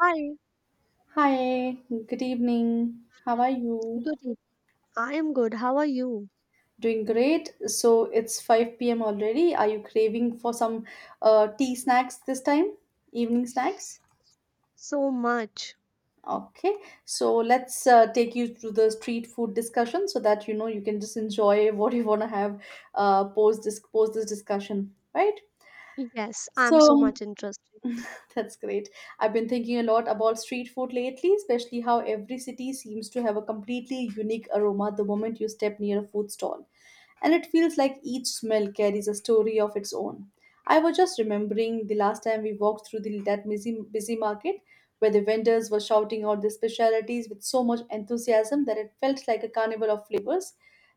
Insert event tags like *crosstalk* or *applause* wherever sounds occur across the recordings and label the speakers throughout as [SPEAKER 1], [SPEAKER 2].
[SPEAKER 1] Hi,
[SPEAKER 2] Hi, good evening. How are you?
[SPEAKER 1] good evening. I am good. How are you?
[SPEAKER 2] Doing great. So it's 5 p.m. already. Are you craving for some tea snacks this time? Evening snacks?
[SPEAKER 1] So much.
[SPEAKER 2] Okay. So let's take you through the street food discussion so that you know you can just enjoy *laughs* what you want to have post this discussion, right?
[SPEAKER 1] Yes, I'm so
[SPEAKER 2] So
[SPEAKER 1] much interested.
[SPEAKER 2] that's great. I've been thinking a lot about street food lately, especially how every city seems to have a completely unique aroma the moment you step near a food stall. And it feels like each smell carries a story of its own. I was just remembering the last time we walked through that busy market where the vendors were shouting out their specialities with so much enthusiasm that it felt like a carnival of flavors.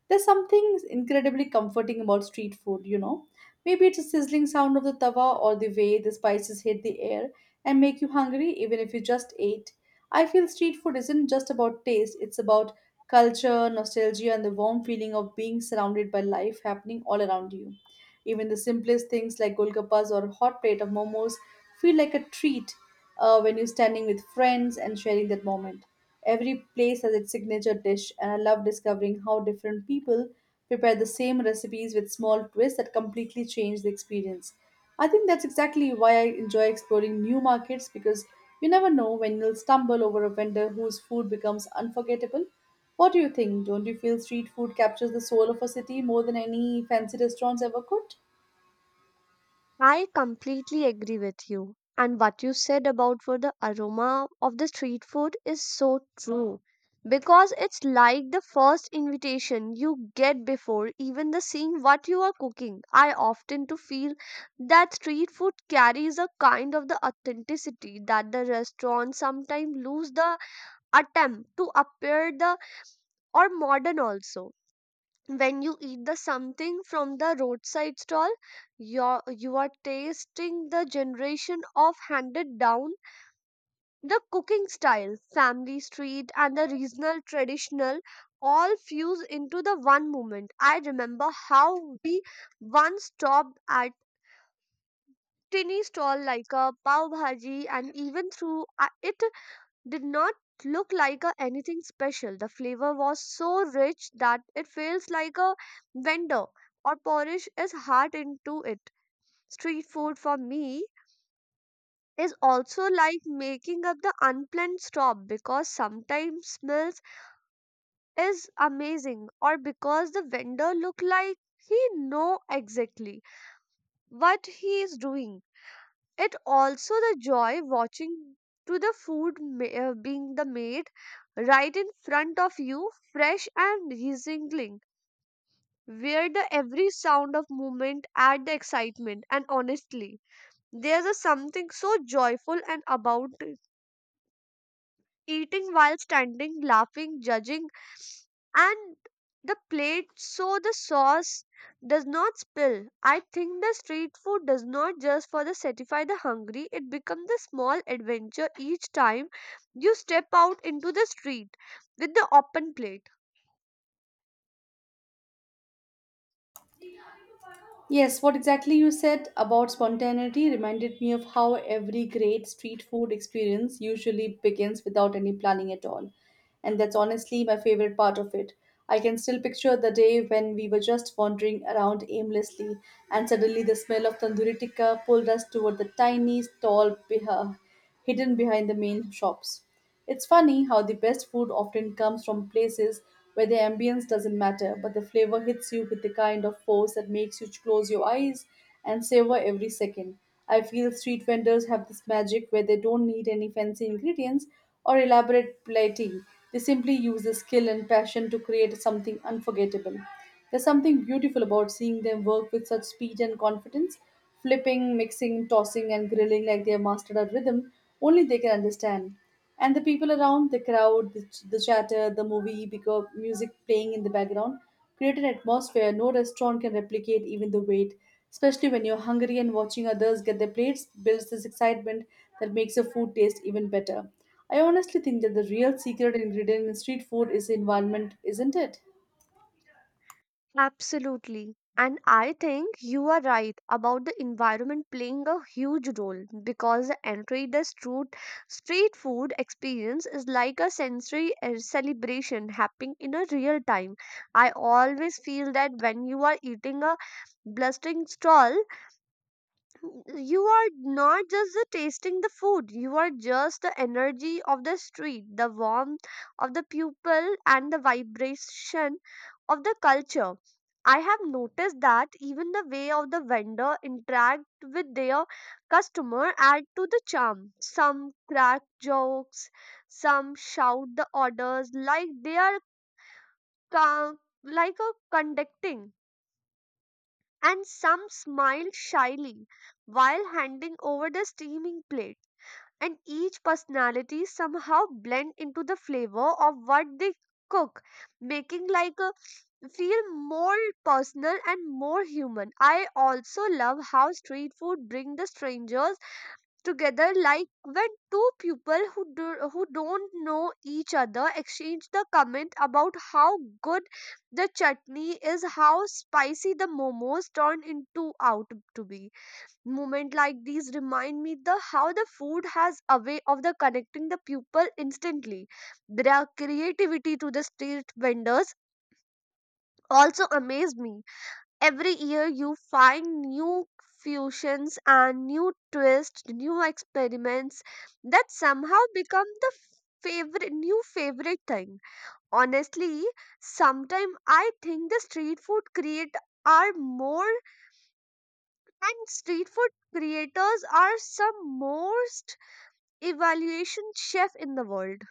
[SPEAKER 2] There's something incredibly comforting about street food. Maybe it's the sizzling sound of the tawa or the way the spices hit the air and make you hungry even if you just ate. I feel street food isn't just about taste, it's about culture, nostalgia, and the warm feeling of being surrounded by life happening all around you. Even the simplest things like golgappas or a hot plate of momos feel like a treat when you're standing with friends and sharing that moment. Every place has its signature dish, and I love discovering how different people prepare the same recipes with small twists that completely change the experience. I think that's exactly why I enjoy exploring new markets because you never know when you'll stumble over a vendor whose food becomes unforgettable. What do you think? Don't you feel street food captures the soul of a city more than any fancy restaurants ever could?
[SPEAKER 1] I completely agree with you. And what you said about for the aroma of the street food is so true. Because it's like the first invitation you get before even the seeing what you are cooking. I often to feel that street food carries a kind of the authenticity that the restaurants sometimes lose the attempt to appear the or modern also when you eat the something from the roadside stall you are tasting the generation of handed down the cooking style family street and the regional traditional all fuse into the one moment. I remember how we once stopped at tiny stall like a pav bhaji and even through it did not look like a anything special. The flavor was so rich that it feels like a vendor or polish is hard into it. Street food for me is also like making up the unplanned stop because sometimes smells is amazing or because the vendor look like he know exactly what he is doing. It also the joy watching to the food being the made right in front of you fresh and sizzling, where the every sound of movement add the excitement. And honestly, there's a something so joyful and about eating while standing, laughing, judging, and the plate so the sauce does not spill. I think the street food does not just for the satisfy the hungry, it becomes a small adventure each time you step out into the street with the open plate.
[SPEAKER 2] Yes, what exactly you said about spontaneity reminded me of how every great street food experience usually begins without any planning at all. And that's honestly my favorite part of it. I can still picture the day when we were just wandering around aimlessly, and suddenly the smell of tandoori tikka pulled us toward the tiny stall hidden behind the main shops. It's funny how the best food often comes from places where the ambience doesn't matter, but the flavor hits you with the kind of force that makes you close your eyes and savor every second. I feel street vendors have this magic where they don't need any fancy ingredients or elaborate plating. They simply use the skill and passion to create something unforgettable. There's something beautiful about seeing them work with such speed and confidence, flipping, mixing, tossing, and grilling like they have mastered a rhythm only they can understand. And the people around, the crowd, the chatter, the movie because music playing in the background create an atmosphere no restaurant can replicate. Even the wait, especially when you're hungry and watching others get their plates, builds this excitement that makes the food taste even better. I honestly think that the real secret ingredient in street food is the environment, isn't it?
[SPEAKER 1] Absolutely. And I think you are right about the environment playing a huge role because the Enreda's street food experience is like a sensory celebration happening in a real time. I always feel that when you are eating a blustering stall you are not just the tasting the food, you are just the energy of the street, the warmth of the people, and the vibration of the culture. I have noticed that even the way of the vendor interact with their customer add to the charm. Some crack jokes, some shout the orders like they are ca- like a conducting, and some smiled shyly while handing over the steaming plate. And each personality somehow blend into the flavor of what they cook, making like a feel more personal and more human. I also love how street food bring the strangers together, like when two people who don't know each other exchange the comment about how good the chutney is, how spicy the momos turn into out to be. Moment like these remind me the how the food has a way of the connecting the people instantly. Their creativity to the street vendors also amaze me. Every year you find new fusions and new twists, new experiments that somehow become the favorite new favorite thing. Honestly, sometimes I think the street food create are more, and street food creators are some most evaluation chef in the world.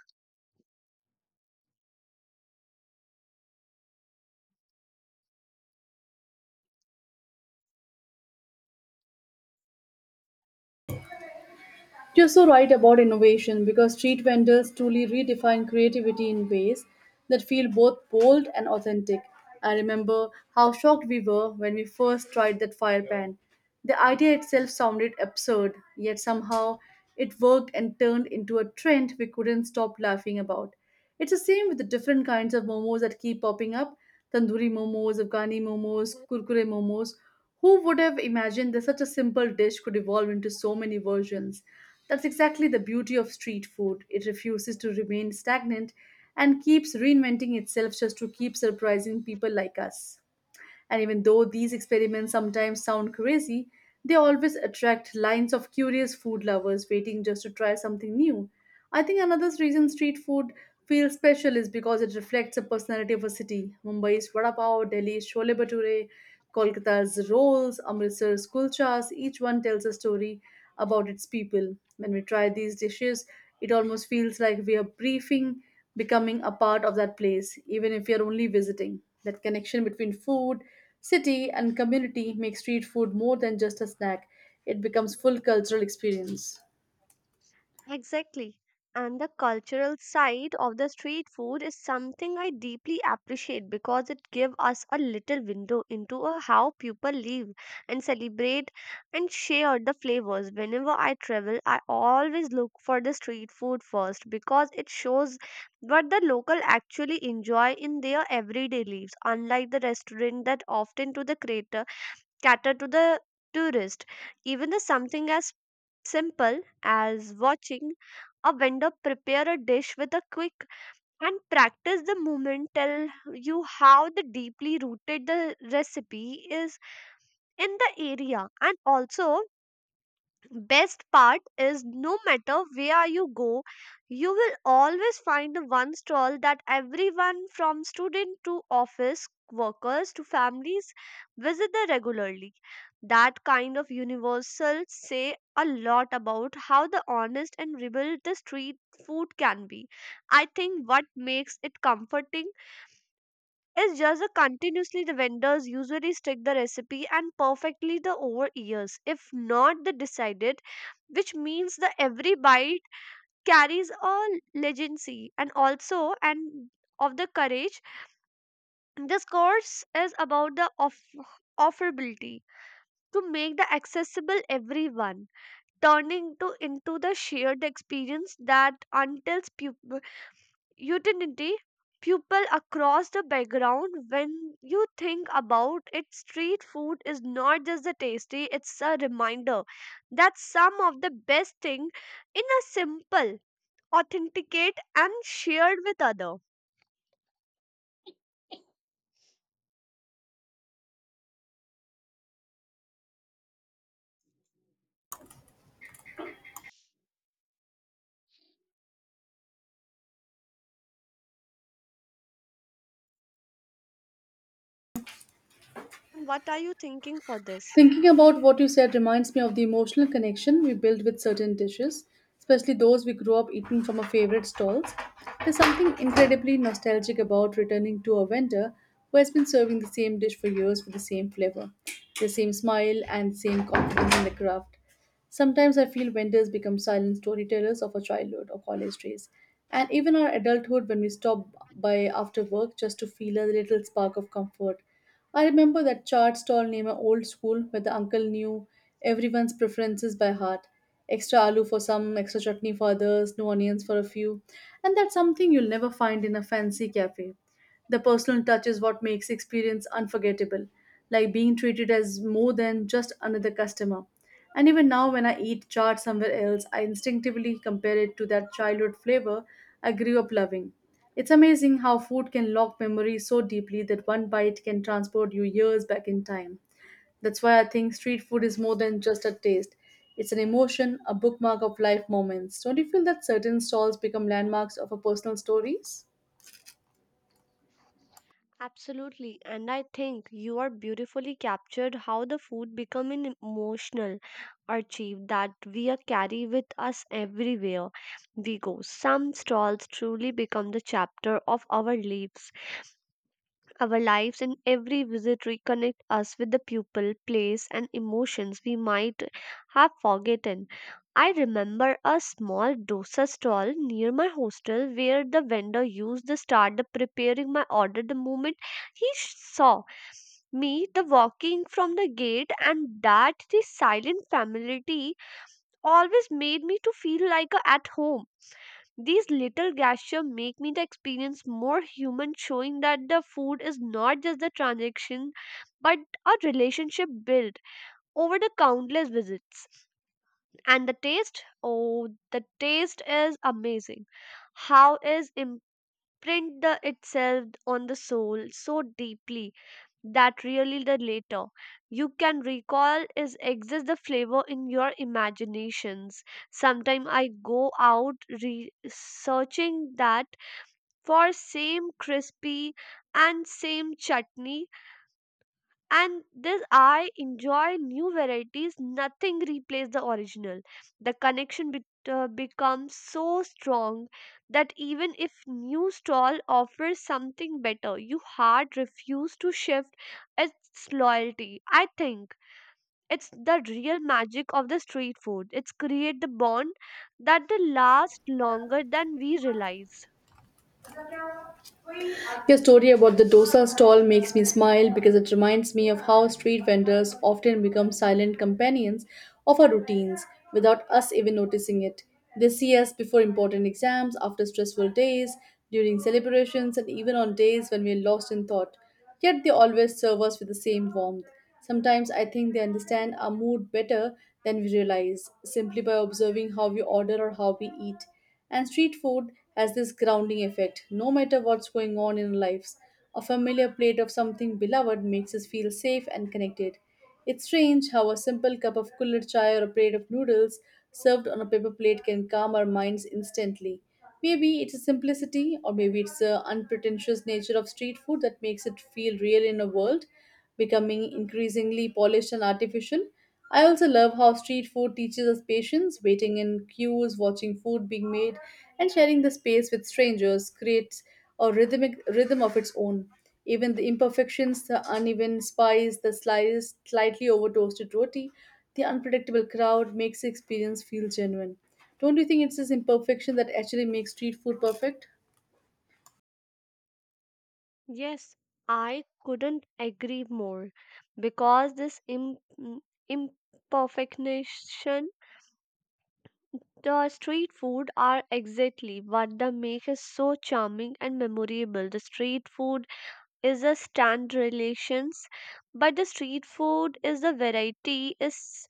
[SPEAKER 2] You're so right about innovation because street vendors truly redefine creativity in ways that feel both bold and authentic. I remember how shocked we were when we first tried that fire pan. The idea itself sounded absurd, yet somehow it worked and turned into a trend we couldn't stop laughing about. It's the same with the different kinds of momos that keep popping up: tandoori momos, Afghani momos, kurkure momos. Who would have imagined that such a simple dish could evolve into so many versions? That's exactly the beauty of street food. It refuses to remain stagnant and keeps reinventing itself just to keep surprising people like us. And even though these experiments sometimes sound crazy, they always attract lines of curious food lovers waiting just to try something new. I think another reason street food feels special is because it reflects the personality of a city. Mumbai's vada pav, Delhi's chole bhature, Kolkata's rolls, Amritsar's kulchas, each one tells a story about its people. When we try these dishes, it almost feels like we are briefing, becoming a part of that place, even if we are only visiting. That connection between food, city and community make street food more than just a snack, it becomes full cultural experience.
[SPEAKER 1] Exactly. And the cultural side of the street food is something I deeply appreciate because it gives us a little window into a how people live and celebrate and share the flavors. Whenever I travel, I always look for the street food first because it shows what the local actually enjoy in their everyday lives, unlike the restaurant that often to the creator cater to the tourist. Even the something as simple as watching a vendor prepare a dish with a quick and practice the movement tell you how the deeply rooted the recipe is in the area. And also, best part is no matter where you go, you will always find one stall that everyone from student to office workers to families visit there regularly. That kind of universal say a lot about how the honest and rebuild the street food can be. I think what makes it comforting, it's just a continuously the vendors usually stick the recipe and perfectly the over years. If not the decided, which means the every bite carries a legacy, and also and of the courage. This course is about the offerability to make the accessible everyone, turning to into the shared experience that untells unity people across the background. When you think about it, street food is not just the tasty, it's a reminder that some of the best thing in a simple authenticate and shared with other. What are you thinking for this?
[SPEAKER 2] Thinking about what you said reminds me of the emotional connection we build with certain dishes, especially those we grew up eating from our favorite stalls. There's something incredibly nostalgic about returning to a vendor who has been serving the same dish for years with the same flavor, the same smile, and the same confidence in the craft. Sometimes I feel vendors become silent storytellers of our childhood or college days, and even our adulthood when we stop by after work just to feel a little spark of comfort. I remember that chart stall near my old school where the uncle knew everyone's preferences by heart. Extra aloo for some, extra chutney for others, no onions for a few. And that's something you'll never find in a fancy cafe. The personal touch is what makes experience unforgettable, like being treated as more than just another customer. And even now, when I eat chaat somewhere else, I instinctively compare it to that childhood flavor I grew up loving. It's amazing how food can lock memories so deeply that one bite can transport you years back in time. That's why I think street food is more than just a taste. It's an emotion, a bookmark of life moments. Don't you feel that certain stalls become landmarks of our personal stories?
[SPEAKER 1] Absolutely, and I think you are beautifully captured how the food become an emotional achieve that we are carry with us everywhere we go. Some stalls truly become the chapter of our lives, and every visit reconnect us with the people, place, and emotions we might have forgotten. I remember a small dosa stall near my hostel where the vendor used to start the preparing my order the moment he saw me the walking from the gate, and that the silent familiarity always made me to feel like a at home. These little gestures make me the experience more human, showing that the food is not just the transaction but a relationship built over the countless visits. And the taste, oh, the taste is amazing. How is imprint the itself on the soul so deeply that really the later you can recall is exists the flavor in your imaginations. Sometimes I go out researching that for same crispy and same chutney, and this I enjoy new varieties. Nothing replaces the original. The connection bet becomes so strong that even if new stall offers something better, you hard refuse to shift its loyalty. I think it's the real magic of the street food, it's create the bond that they last longer than we realize.
[SPEAKER 2] Your story about the dosa stall makes me smile because it reminds me of how street vendors often become silent companions of our routines without us even noticing it. They see us before important exams, after stressful days, during celebrations, and even on days when we are lost in thought. Yet they always serve us with the same warmth. Sometimes I think they understand our mood better than we realize, simply by observing how we order or how we eat. And street food has this grounding effect. No matter what's going on in our lives, a familiar plate of something beloved makes us feel safe and connected. It's strange how a simple cup of cooler chai or a plate of noodles served on a paper plate can calm our minds instantly. Maybe it's a simplicity, or maybe it's the unpretentious nature of street food that makes it feel real in a world becoming increasingly polished and artificial. I also love how street food teaches us patience, waiting in queues, watching food being made, and sharing the space with strangers creates a rhythmic rhythm of its own. Even the imperfections, the uneven spice, the sliced, slightly over toasted roti, the unpredictable crowd makes the experience feel genuine. Don't you think it's this imperfection that actually makes street food perfect?
[SPEAKER 1] Yes, I couldn't agree more because this imperfection the street food are exactly what the make is so charming and memorable. The street food is a stand relations, but the street food is the variety is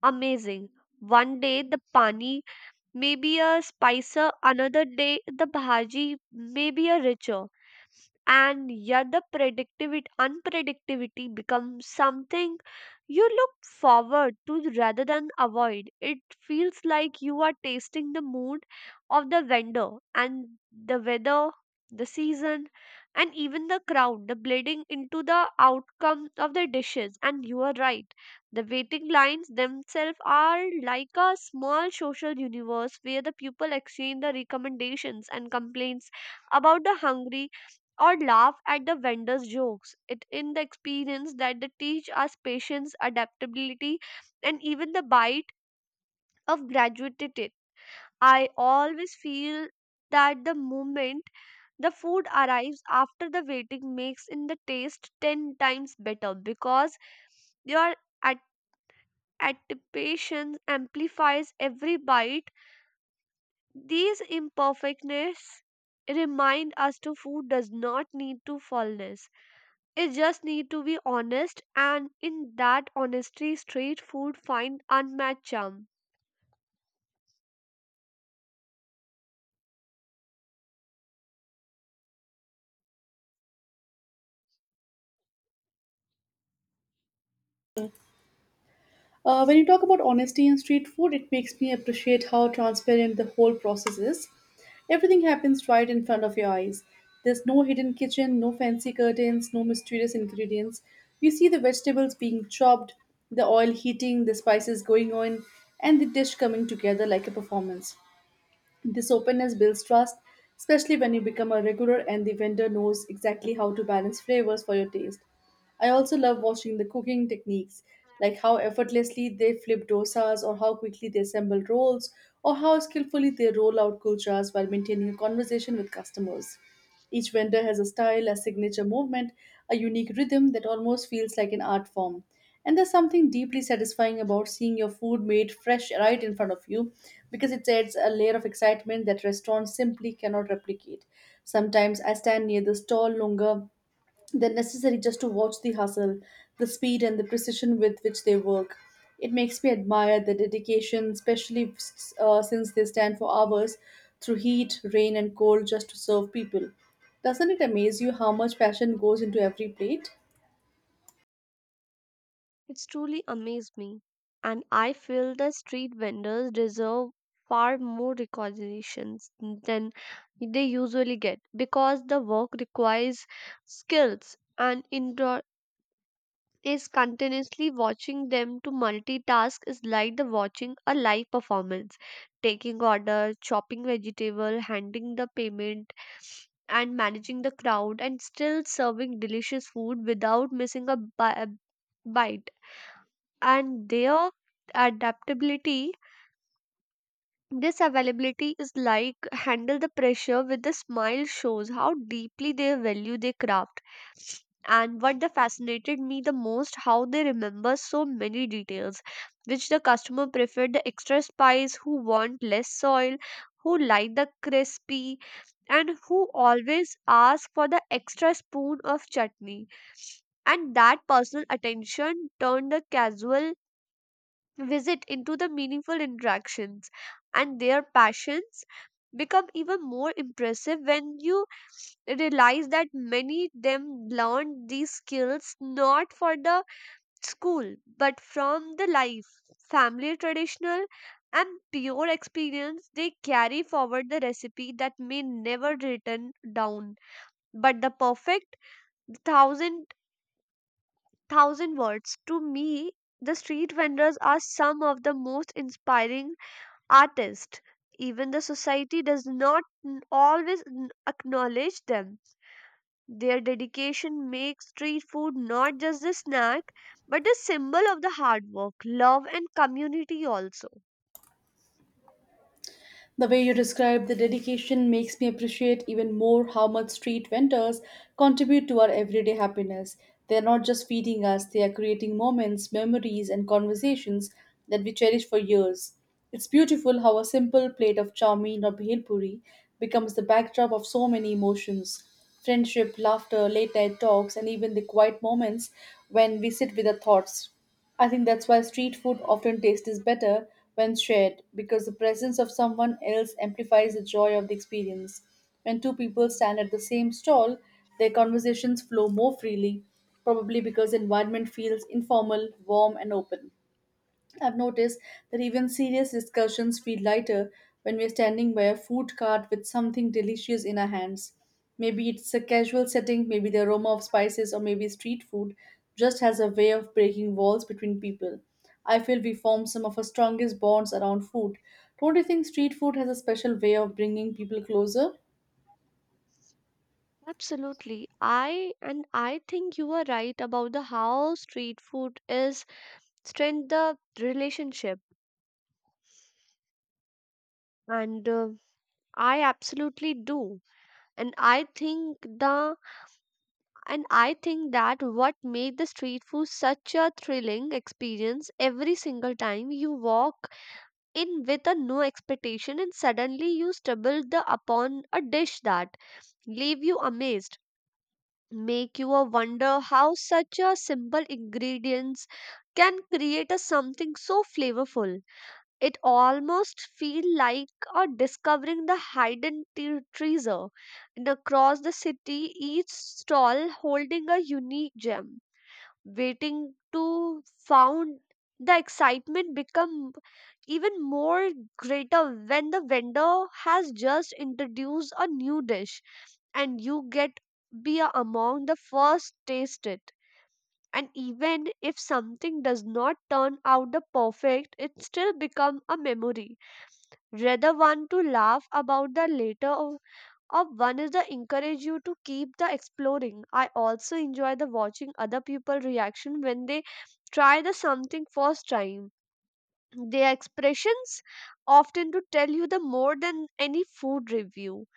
[SPEAKER 1] amazing. One day the pani may be a spicer, another day the bhaji may be a richer, and yet the predictivity unpredictability becomes something you look forward to rather than avoid. It feels like you are tasting the mood of the vendor and the weather, the season, and even the crowd the bleeding into the outcome of the dishes. And you are right, the waiting lines themselves are like a small social universe where the people exchange the recommendations and complaints about the hungry or laugh at the vendor's jokes. It in the experience that they teach us patience, adaptability, and even the bite of gratuity. I always feel that the moment the food arrives after the waiting makes in the taste 10 times better because your at- anticipation amplifies every bite. These imperfectness remind us to food does not need to fullness. It just need to be honest, and in that honesty street food find unmatched charm.
[SPEAKER 2] When you talk about honesty in street food, it makes me appreciate how transparent the whole process is. Everything happens right in front of your eyes. There's no hidden kitchen, no fancy curtains, no mysterious ingredients. You see the vegetables being chopped, the oil heating, the spices going on, and the dish coming together like a performance. This openness builds trust, especially when you become a regular and the vendor knows exactly how to balance flavors for your taste. I also love watching the cooking techniques, like how effortlessly they flip dosas, or how quickly they assemble rolls, or how skillfully they roll out kulchas while maintaining a conversation with customers. Each vendor has a style, a signature movement, a unique rhythm that almost feels like an art form. And there's something deeply satisfying about seeing your food made fresh right in front of you because it adds a layer of excitement that restaurants simply cannot replicate. Sometimes I stand near the stall longer they're necessary just to watch the hustle, the speed, and the precision with which they work. It makes me admire their dedication, especially since they stand for hours through heat, rain, and cold just to serve people. Doesn't it amaze you how much passion goes into every plate?
[SPEAKER 1] It's truly amazed me. And I feel the street vendors deserve far more recognitions than they usually get because the work requires skills, and is continuously watching them to multitask is like the watching a live performance. Taking order, chopping vegetable, handing the payment, and managing the crowd, and still serving delicious food without missing a bi- bite. And their adaptability, this availability is like handle the pressure with a smile shows how deeply they value their craft. And what the fascinated me the most how they remember so many details, which the customer preferred the extra spice, who want less soil, who like the crispy, and who always ask for the extra spoon of chutney. And that personal attention turned the casual visit into the meaningful interactions. And their passions become even more impressive when you realize that many them learned these skills not for the school but from the life, family traditional, and pure experience. They carry forward the recipe that may never written down but the perfect thousand thousand words. To me, the street vendors are some of the most inspiring artists. Even the society does not always acknowledge them. Their dedication makes street food not just a snack but a symbol of the hard work, love, and community also.
[SPEAKER 2] The way you describe the dedication makes me appreciate even more how much street vendors contribute to our everyday happiness. They are not just feeding us, they are creating moments, memories, and conversations that we cherish for years. It's beautiful how a simple plate of chow mein or bhel puri becomes the backdrop of so many emotions: friendship, laughter, late night talks, and even the quiet moments when we sit with our thoughts. I think that's why street food often tastes better when shared because the presence of someone else amplifies the joy of the experience. When two people stand at the same stall, their conversations flow more freely, probably because the environment feels informal, warm, and open. I've noticed that even serious discussions feel lighter when we're standing by a food cart with something delicious in our hands. Maybe it's a casual setting, maybe the aroma of spices, or maybe street food just has a way of breaking walls between people. I feel we form some of our strongest bonds around food. Don't you think street food has a special way of bringing people closer?
[SPEAKER 1] Absolutely. I think you are right about the how street food is strengthen the relationship. And I absolutely do. And I think the And I think that what made the street food such a thrilling experience every single time you walk in with a no expectation and suddenly you stumble the upon a dish that leave you amazed, make you a wonder how such a simple ingredients can create a something so flavorful. It almost feel like a discovering the hidden treasure. And across the city, each stall holding a unique gem waiting to found the excitement become even more greater when the vendor has just introduced a new dish and you get be among the first taste it. And even if something does not turn out the perfect, it still become a memory, rather one to laugh about the later or one is the encourage you to keep the exploring. I also enjoy the watching other people reaction when they try the something first time. Their expressions often to tell you the more than any food review,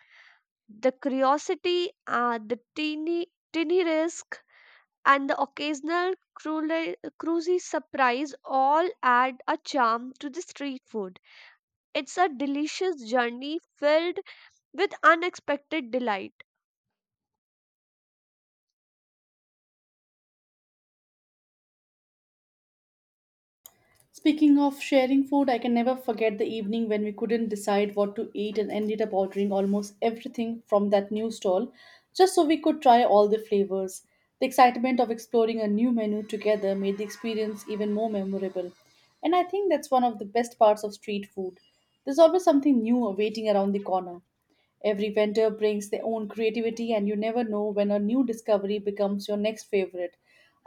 [SPEAKER 1] the curiosity, the teeny teeny risk, and the occasional cruel- cruisy surprise all add a charm to the street food. It's a delicious journey filled with unexpected delight.
[SPEAKER 2] Speaking of sharing food, I can never forget the evening when we couldn't decide what to eat and ended up ordering almost everything from that new stall just so we could try all the flavors. The excitement of exploring a new menu together made the experience even more memorable. And I think that's one of the best parts of street food. There's always something new waiting around the corner. Every vendor brings their own creativity, and you never know when a new discovery becomes your next favorite.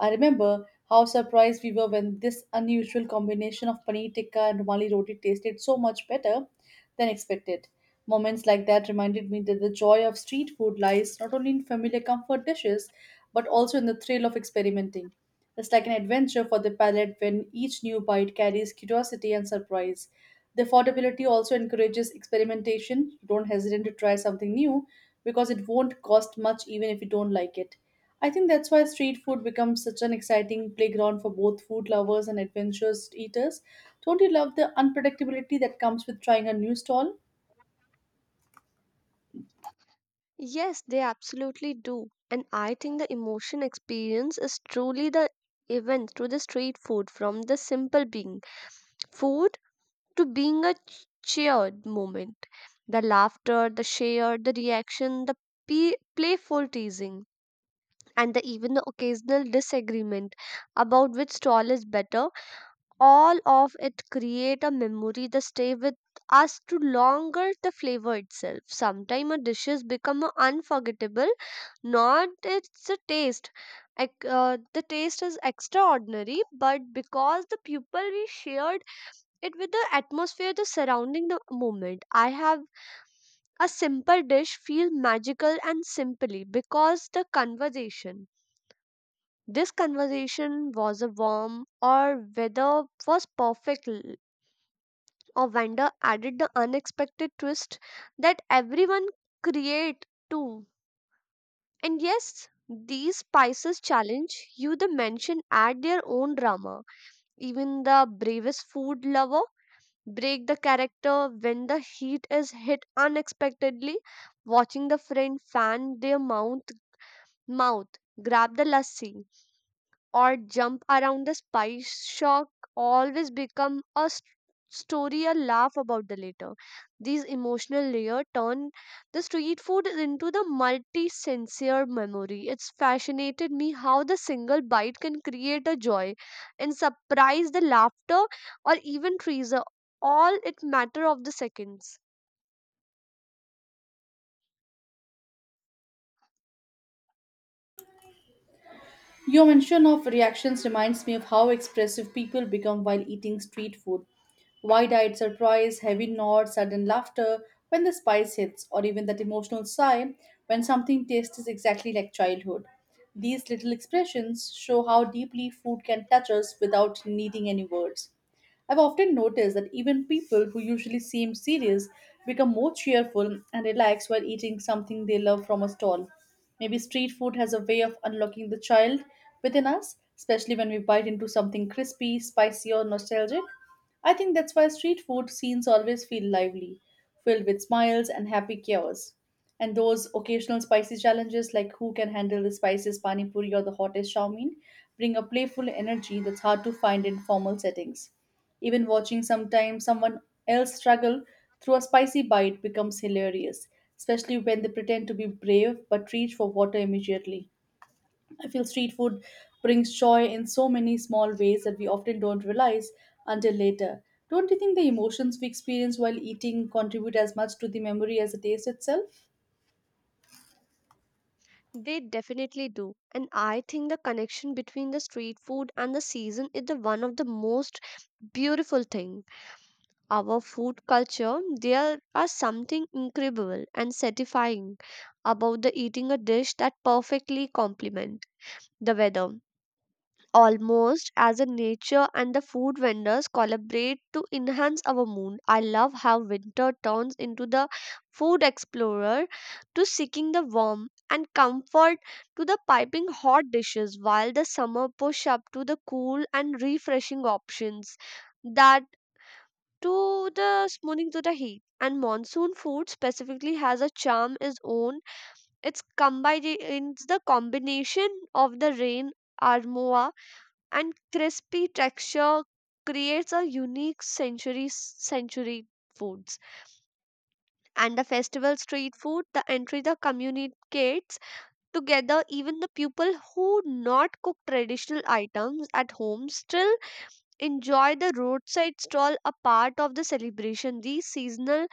[SPEAKER 2] I remember how surprised we were when this unusual combination of paneer tikka and rumali roti tasted so much better than expected. Moments like that reminded me that the joy of street food lies not only in familiar comfort dishes but also in the thrill of experimenting. It's like an adventure for the palate when each new bite carries curiosity and surprise. The affordability also encourages experimentation. You don't hesitate to try something new because it won't cost much even if you don't like it. I think that's why street food becomes such an exciting playground for both food lovers and adventurous eaters. Don't you love the unpredictability that comes with trying a new stall?
[SPEAKER 1] Yes, they absolutely do. And I think the emotion experience is truly the event through the street food, from the simple being food to being a cheered moment. The laughter, the share, the reaction, the playful teasing, and the, even the occasional disagreement about which stall is better, all of it create a memory that stay with us to longer the flavor itself. Sometimes a dishes become a unforgettable, not it's a taste. The taste is extraordinary, but because the people we shared it with, the atmosphere, the surrounding, the moment. I have a simple dish feel magical and simply because the conversation, this conversation was a warm or weather was perfect. Ovanda added the unexpected twist that everyone create too. And yes, these spices challenge you the mention add their own drama. Even the bravest food lover break the character when the heat is hit unexpectedly. Watching the friend fan their mouth, grab the lassi, or jump around the spice shock always become a story a laugh about the later. These emotional layer turn the street food into the multi-sincere memory. It's fascinated me how the single bite can create a joy and surprise the laughter or even treasure. All it matter of the seconds.
[SPEAKER 2] Your mention of reactions reminds me of how expressive people become while eating street food. Wide eyed surprise, heavy nods, sudden laughter when the spice hits, or even that emotional sigh when something tastes exactly like childhood. These little expressions show how deeply food can touch us without needing any words. I've often noticed that even people who usually seem serious become more cheerful and relaxed while eating something they love from a stall. Maybe street food has a way of unlocking the child within us, especially when we bite into something crispy, spicy, or nostalgic. I think that's why street food scenes always feel lively, filled with smiles and happy chaos. And those occasional spicy challenges, like who can handle the spiciest pani puri or the hottest shawmin, bring a playful energy that's hard to find in formal settings. Even watching sometimes someone else struggle through a spicy bite becomes hilarious, especially when they pretend to be brave but reach for water immediately. I feel street food brings joy in so many small ways that we often don't realize until later. Don't you think the emotions we experience while eating contribute as much to the memory as the taste itself?
[SPEAKER 1] They definitely do. And I think the connection between the street food and the season is the one of the most beautiful thing our food culture, there are something incredible and satisfying about the eating a dish that perfectly complement the weather. Almost as a nature and the food vendors collaborate to enhance our mood. I love how winter turns into the food explorer to seeking the warmth and comfort to the piping hot dishes, while the summer push up to the cool and refreshing options that to the smoothing to the heat. And monsoon food specifically has a charm its own. It's the combination of the rain, armoa, and crispy texture creates a unique century foods. And the festival street food, the entry the communicates together, even the people who not cook traditional items at home still enjoy the roadside stall a part of the celebration. These seasonal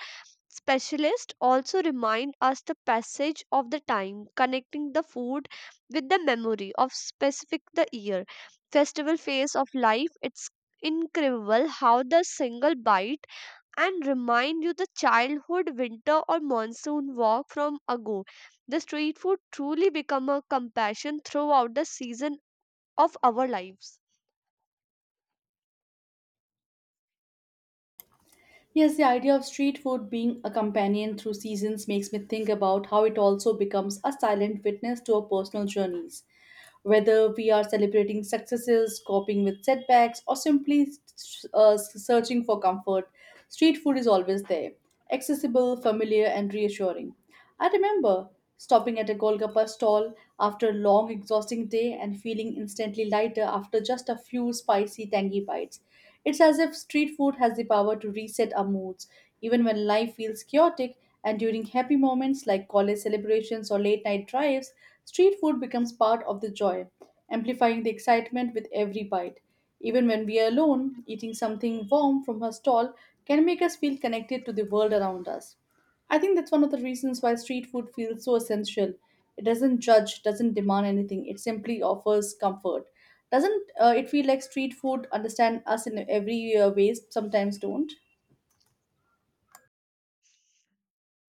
[SPEAKER 1] specialists also remind us the passage of the time, connecting the food with the memory of specific the year, festival phase of life. It's incredible how the single bite and remind you the childhood winter or monsoon walk from ago. The street food truly become a compassion throughout the season of our lives.
[SPEAKER 2] Yes, the idea of street food being a companion through seasons makes me think about how it also becomes a silent witness to our personal journeys. Whether we are celebrating successes, coping with setbacks, or simply searching for comfort, street food is always there, accessible, familiar, and reassuring. I remember stopping at a Golgappa stall after a long, exhausting day and feeling instantly lighter after just a few spicy, tangy bites. It's as if street food has the power to reset our moods, even when life feels chaotic. And during happy moments like college celebrations or late night drives, street food becomes part of the joy, amplifying the excitement with every bite. Even when we are alone, eating something warm from her stall can make us feel connected to the world around us. I think that's one of the reasons why street food feels so essential. It doesn't judge, doesn't demand anything. It simply offers comfort. Doesn't it feel like street food understand us in every ways? Sometimes don't.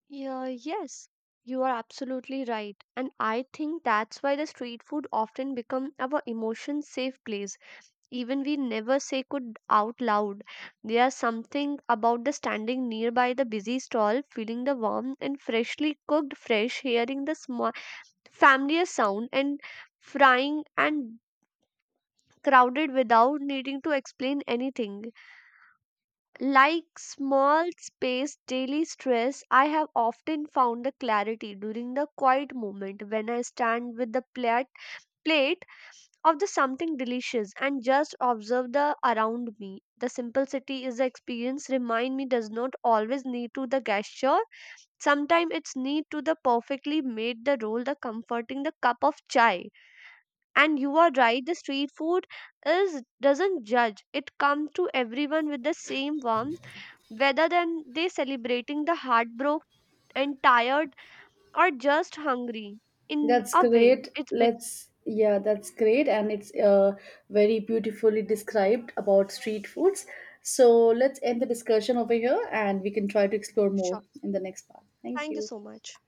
[SPEAKER 1] Yeah, yes, you are absolutely right. And I think that's why the street food often become our emotion safe place. Even we never say good out loud. There's something about the standing nearby the busy stall, feeling the warm and freshly cooked fresh, hearing the small familiar sound and frying and crowded without needing to explain anything. Like small space daily stress, I have often found the clarity during the quiet moment when I stand with the plate of the something delicious and just observe the around me. The simplicity is the experience remind me does not always need to the gesture. Sometimes it's need to the perfectly made the roll the comforting the cup of chai. And you are right, the street food is doesn't judge. It comes to everyone with the same warmth whether than they celebrating the heartbroken and tired or just hungry in
[SPEAKER 2] That's
[SPEAKER 1] a way
[SPEAKER 2] great.
[SPEAKER 1] it's big.
[SPEAKER 2] Yeah, that's great. And it's very beautifully described about street foods. So let's end the discussion over here and we can try to explore more
[SPEAKER 1] Sure,
[SPEAKER 2] in the next part. Thank
[SPEAKER 1] thank you
[SPEAKER 2] you.
[SPEAKER 1] so much.